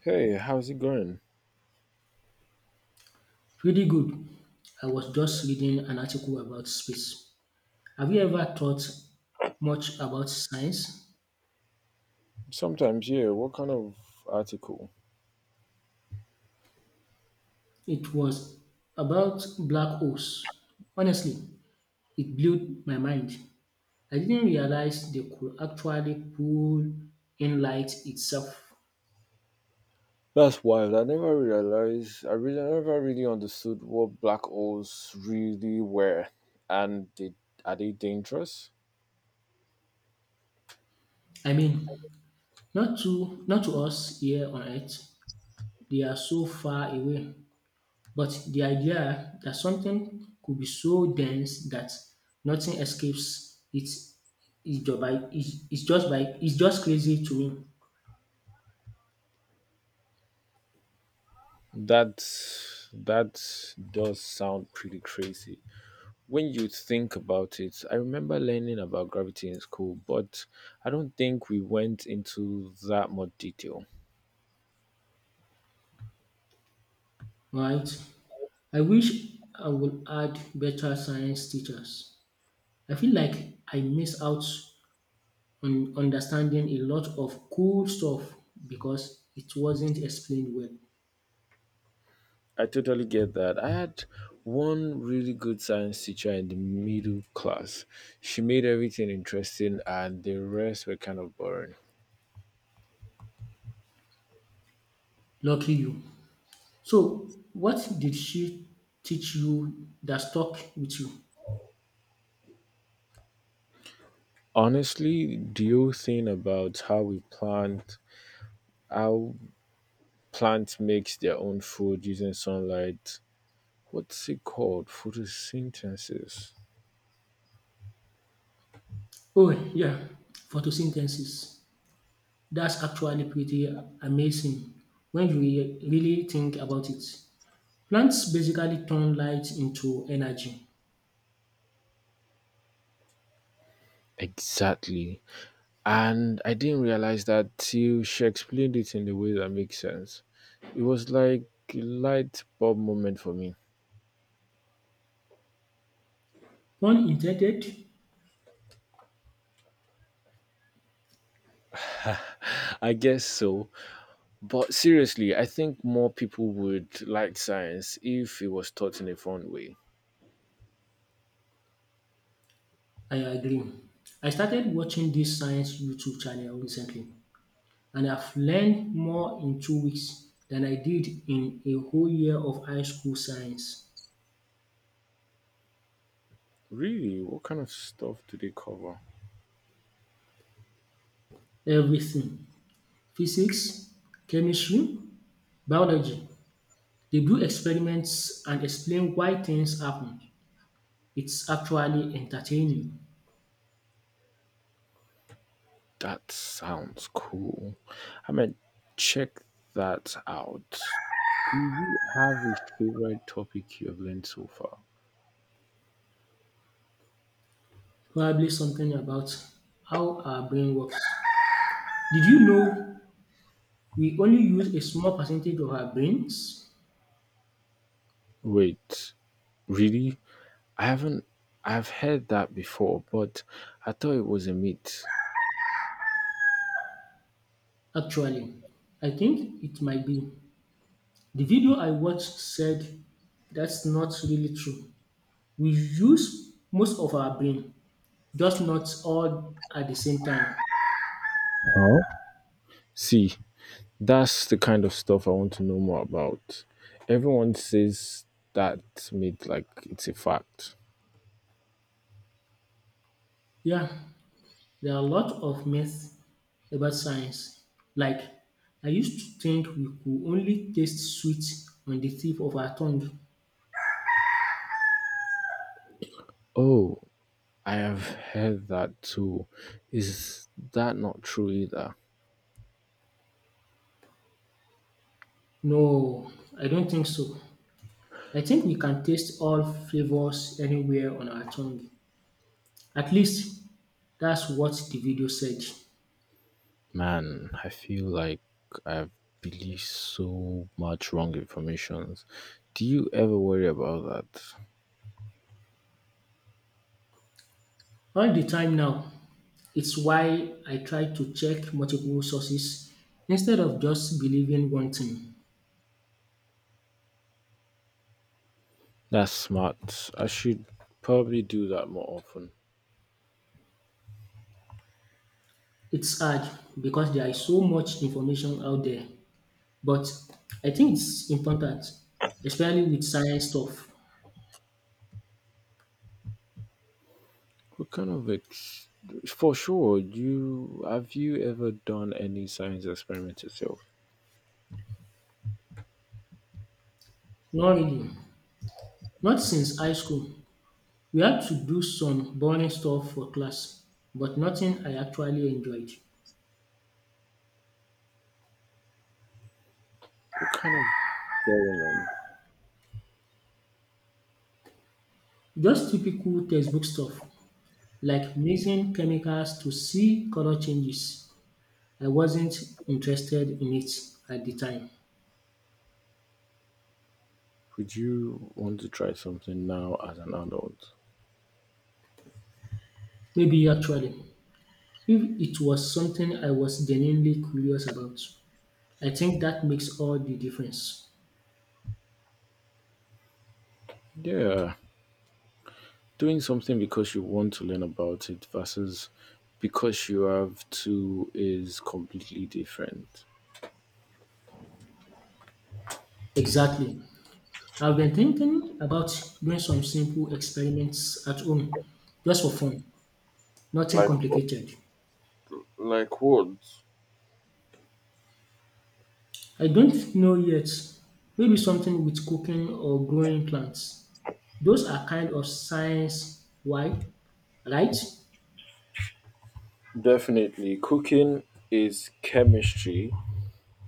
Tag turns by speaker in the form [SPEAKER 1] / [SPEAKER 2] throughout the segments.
[SPEAKER 1] Hey, how's it going?
[SPEAKER 2] Pretty good. I was just reading an article about space. Have you ever thought much about science?
[SPEAKER 1] Sometimes, yeah, what kind of article?
[SPEAKER 2] It was about black holes. Honestly, it blew my mind. I didn't realize they could actually pull in light itself.
[SPEAKER 1] That's wild. I never realized, I never really understood what black holes really were. And are they dangerous?
[SPEAKER 2] I mean, not to us here on Earth. They are so far away. But the idea that something could be so dense that nothing escapes it is just crazy to me,
[SPEAKER 1] That that does sound pretty crazy, when you think about it. I remember learning about gravity in school, but I don't think we went into that much detail.
[SPEAKER 2] right? I wish I would add better science teachers. I feel like I miss out on understanding a lot of cool stuff because it wasn't explained well.
[SPEAKER 1] I totally get that. I had one really good science teacher in the middle class. She made everything interesting, and the rest were kind of boring.
[SPEAKER 2] Lucky you. So, what did she teach you that stuck with you?
[SPEAKER 1] Honestly, the whole thing about how how plants makes their own food using sunlight. What's it called? Photosynthesis.
[SPEAKER 2] Oh, yeah, photosynthesis. That's actually pretty amazing when you really think about it. Plants basically turn light into energy.
[SPEAKER 1] Exactly. And I didn't realize that till she explained it in the way that makes sense. It was like a light bulb moment for me.
[SPEAKER 2] Pun intended,
[SPEAKER 1] I guess so. But seriously, I think more people would like science if it was taught in a fun way.
[SPEAKER 2] I agree. I started watching this science YouTube channel recently and I've learned more in 2 weeks than I did in a whole year of high school science.
[SPEAKER 1] Really? What kind of stuff do they cover?
[SPEAKER 2] Everything physics, chemistry, biology. They do experiments and explain why things happen. It's actually entertaining.
[SPEAKER 1] That sounds cool. I mean, check that out. Do you have a favorite topic you have learned so far?
[SPEAKER 2] Probably something about how our brain works. Did you know we only use a small percentage of our brains?
[SPEAKER 1] Wait, really? I haven't. I've heard that before, but I thought it was a myth.
[SPEAKER 2] Actually, I think it might be. The video I watched said that's not really true. We use most of our brain, just not all at the same time.
[SPEAKER 1] Huh? See, that's the kind of stuff I want to know more about. Everyone says that myth like it's a fact.
[SPEAKER 2] Yeah, there are a lot of myths about science. Like, I used to think we could only taste sweet on the tip of our tongue.
[SPEAKER 1] Oh, I have heard that too. Is that not true either?
[SPEAKER 2] No, I don't think so. I think we can taste all flavors anywhere on our tongue. At least that's what the video said.
[SPEAKER 1] Man, I feel like I've believed so much wrong information. Do you ever worry about that?
[SPEAKER 2] All the time now. It's why I try to check multiple sources instead of just believing one thing.
[SPEAKER 1] That's smart. I should probably do that more often.
[SPEAKER 2] It's hard because there is so much information out there, but I think it's important, especially with science stuff.
[SPEAKER 1] What kind of ex- For sure. Do you have you ever done any science experiment yourself?
[SPEAKER 2] Not really. Not since high school. We had to do some boring stuff for class, but nothing I actually enjoyed.
[SPEAKER 1] What kind of experiment
[SPEAKER 2] Just typical textbook stuff like mixing chemicals to see color changes. I wasn't interested in it at the time.
[SPEAKER 1] would you want to try something now as an adult?
[SPEAKER 2] Maybe actually, if it was something I was genuinely curious about, I think that makes all the difference.
[SPEAKER 1] Yeah, doing something because you want to learn about it versus because you have to is completely different.
[SPEAKER 2] Exactly. I've been thinking about doing some simple experiments at home just for fun, nothing
[SPEAKER 1] Like what?
[SPEAKER 2] complicated.
[SPEAKER 1] Like what?
[SPEAKER 2] I don't know yet. Maybe something with cooking or growing plants. Those are kind of science why, right?
[SPEAKER 1] Definitely, cooking is chemistry,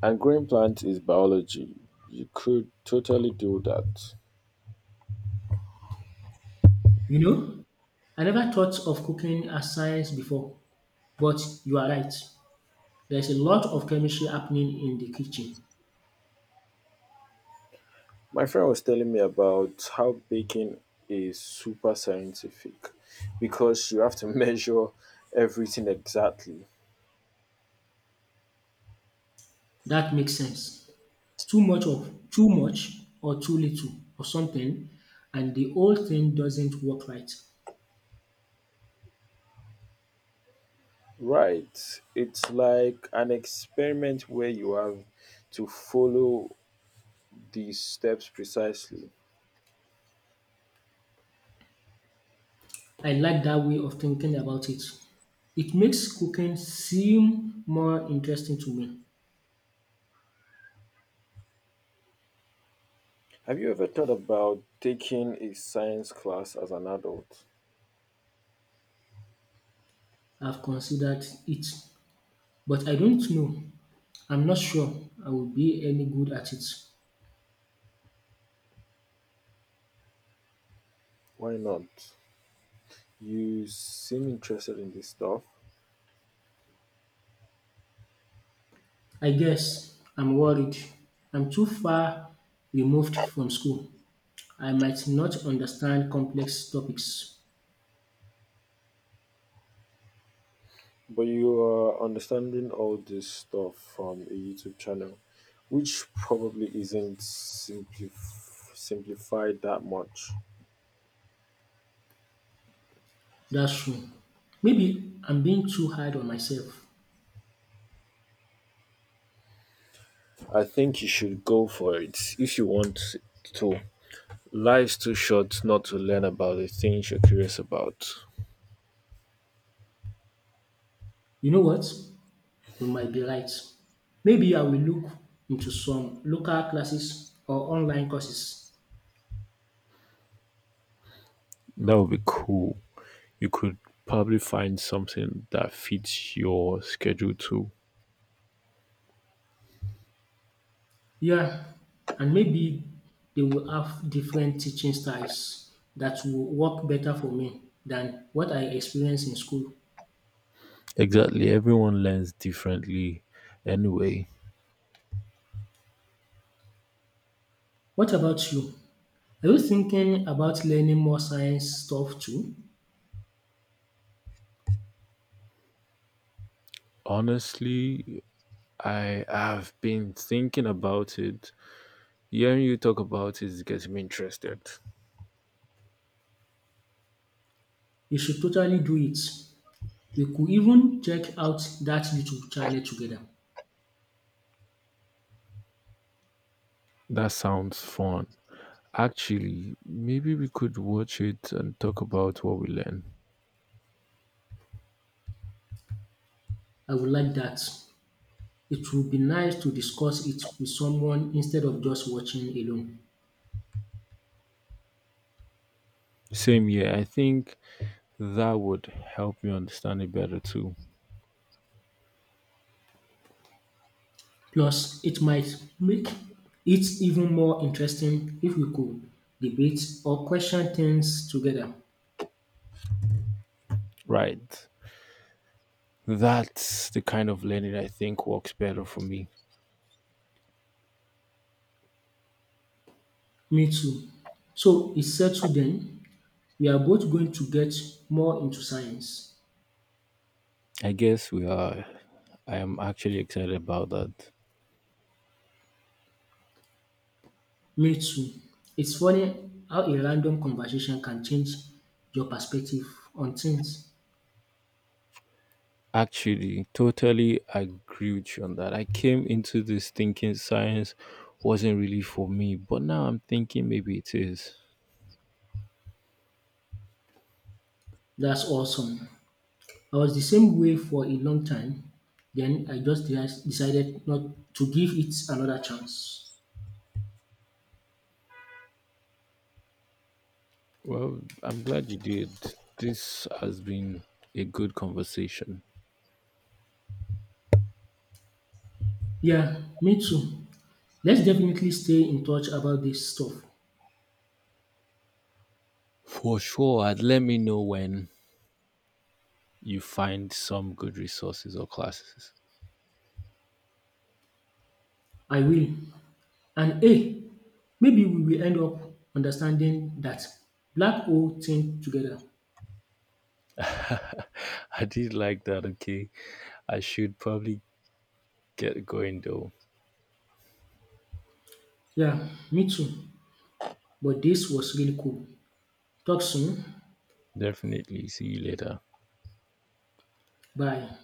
[SPEAKER 1] and growing plants is biology. You could totally do that.
[SPEAKER 2] You know, I never thought of cooking as science before, but you are right. There's a lot of chemistry happening in the kitchen.
[SPEAKER 1] My friend was telling me about how baking is super scientific because you have to measure everything exactly.
[SPEAKER 2] That makes sense. Too much or too little or something, and the whole thing doesn't work right.
[SPEAKER 1] Right. It's like an experiment where you have to follow these steps precisely.
[SPEAKER 2] I like that way of thinking about it. It makes cooking seem more interesting to me.
[SPEAKER 1] Have you ever thought about taking a science class as an adult?
[SPEAKER 2] I've considered it. But I don't know. I'm not sure I will be any good at it.
[SPEAKER 1] Why not? You seem interested in this stuff.
[SPEAKER 2] I guess I'm worried. I'm too far removed from school. I might not understand complex topics.
[SPEAKER 1] But you are understanding all this stuff from a YouTube channel, which probably isn't simplified that much.
[SPEAKER 2] That's true. Maybe I'm being too hard on myself.
[SPEAKER 1] I think you should go for it if you want to. Life's too short not to learn about the things you're curious about.
[SPEAKER 2] You know what? You might be right. Maybe I will look into some local classes or online courses.
[SPEAKER 1] That would be cool. You could probably find something that fits your schedule too.
[SPEAKER 2] Yeah, and maybe they will have different teaching styles that will work better for me than what I experienced in school.
[SPEAKER 1] Exactly. Everyone learns differently anyway.
[SPEAKER 2] What about you? Are you thinking about learning more science stuff too?
[SPEAKER 1] Honestly, I have been thinking about it. Hearing you talk about it is getting me interested.
[SPEAKER 2] You should totally do it. We could even check out that YouTube channel together.
[SPEAKER 1] That sounds fun. Actually, maybe we could watch it and talk about what we learned.
[SPEAKER 2] I would like that. It would be nice to discuss it with someone instead of just watching alone.
[SPEAKER 1] Same year, I think that would help me understand it better too.
[SPEAKER 2] Plus, it might make it even more interesting if we could debate or question things together.
[SPEAKER 1] Right. That's the kind of learning I think works better for me.
[SPEAKER 2] Me too. So it's settled then. We are both going to get more into science.
[SPEAKER 1] I guess we are. I am actually excited about that.
[SPEAKER 2] Me too. It's funny how a random conversation can change your perspective on things.
[SPEAKER 1] Actually, totally agree with you on that. I came into this thinking science wasn't really for me, but now I'm thinking maybe it is.
[SPEAKER 2] That's awesome. I was the same way for a long time. Then I just decided not to give it another chance.
[SPEAKER 1] Well, I'm glad you did. This has been a good conversation.
[SPEAKER 2] Yeah, me too. Let's definitely stay in touch about this stuff.
[SPEAKER 1] For sure, and let me know when you find some good resources or classes.
[SPEAKER 2] I will. And hey, maybe we will end up understanding that black hole thing together.
[SPEAKER 1] I did like that, okay? I should probably get going though.
[SPEAKER 2] Yeah, me too. But this was really cool. Talk soon.
[SPEAKER 1] Definitely. See you later.
[SPEAKER 2] Bye.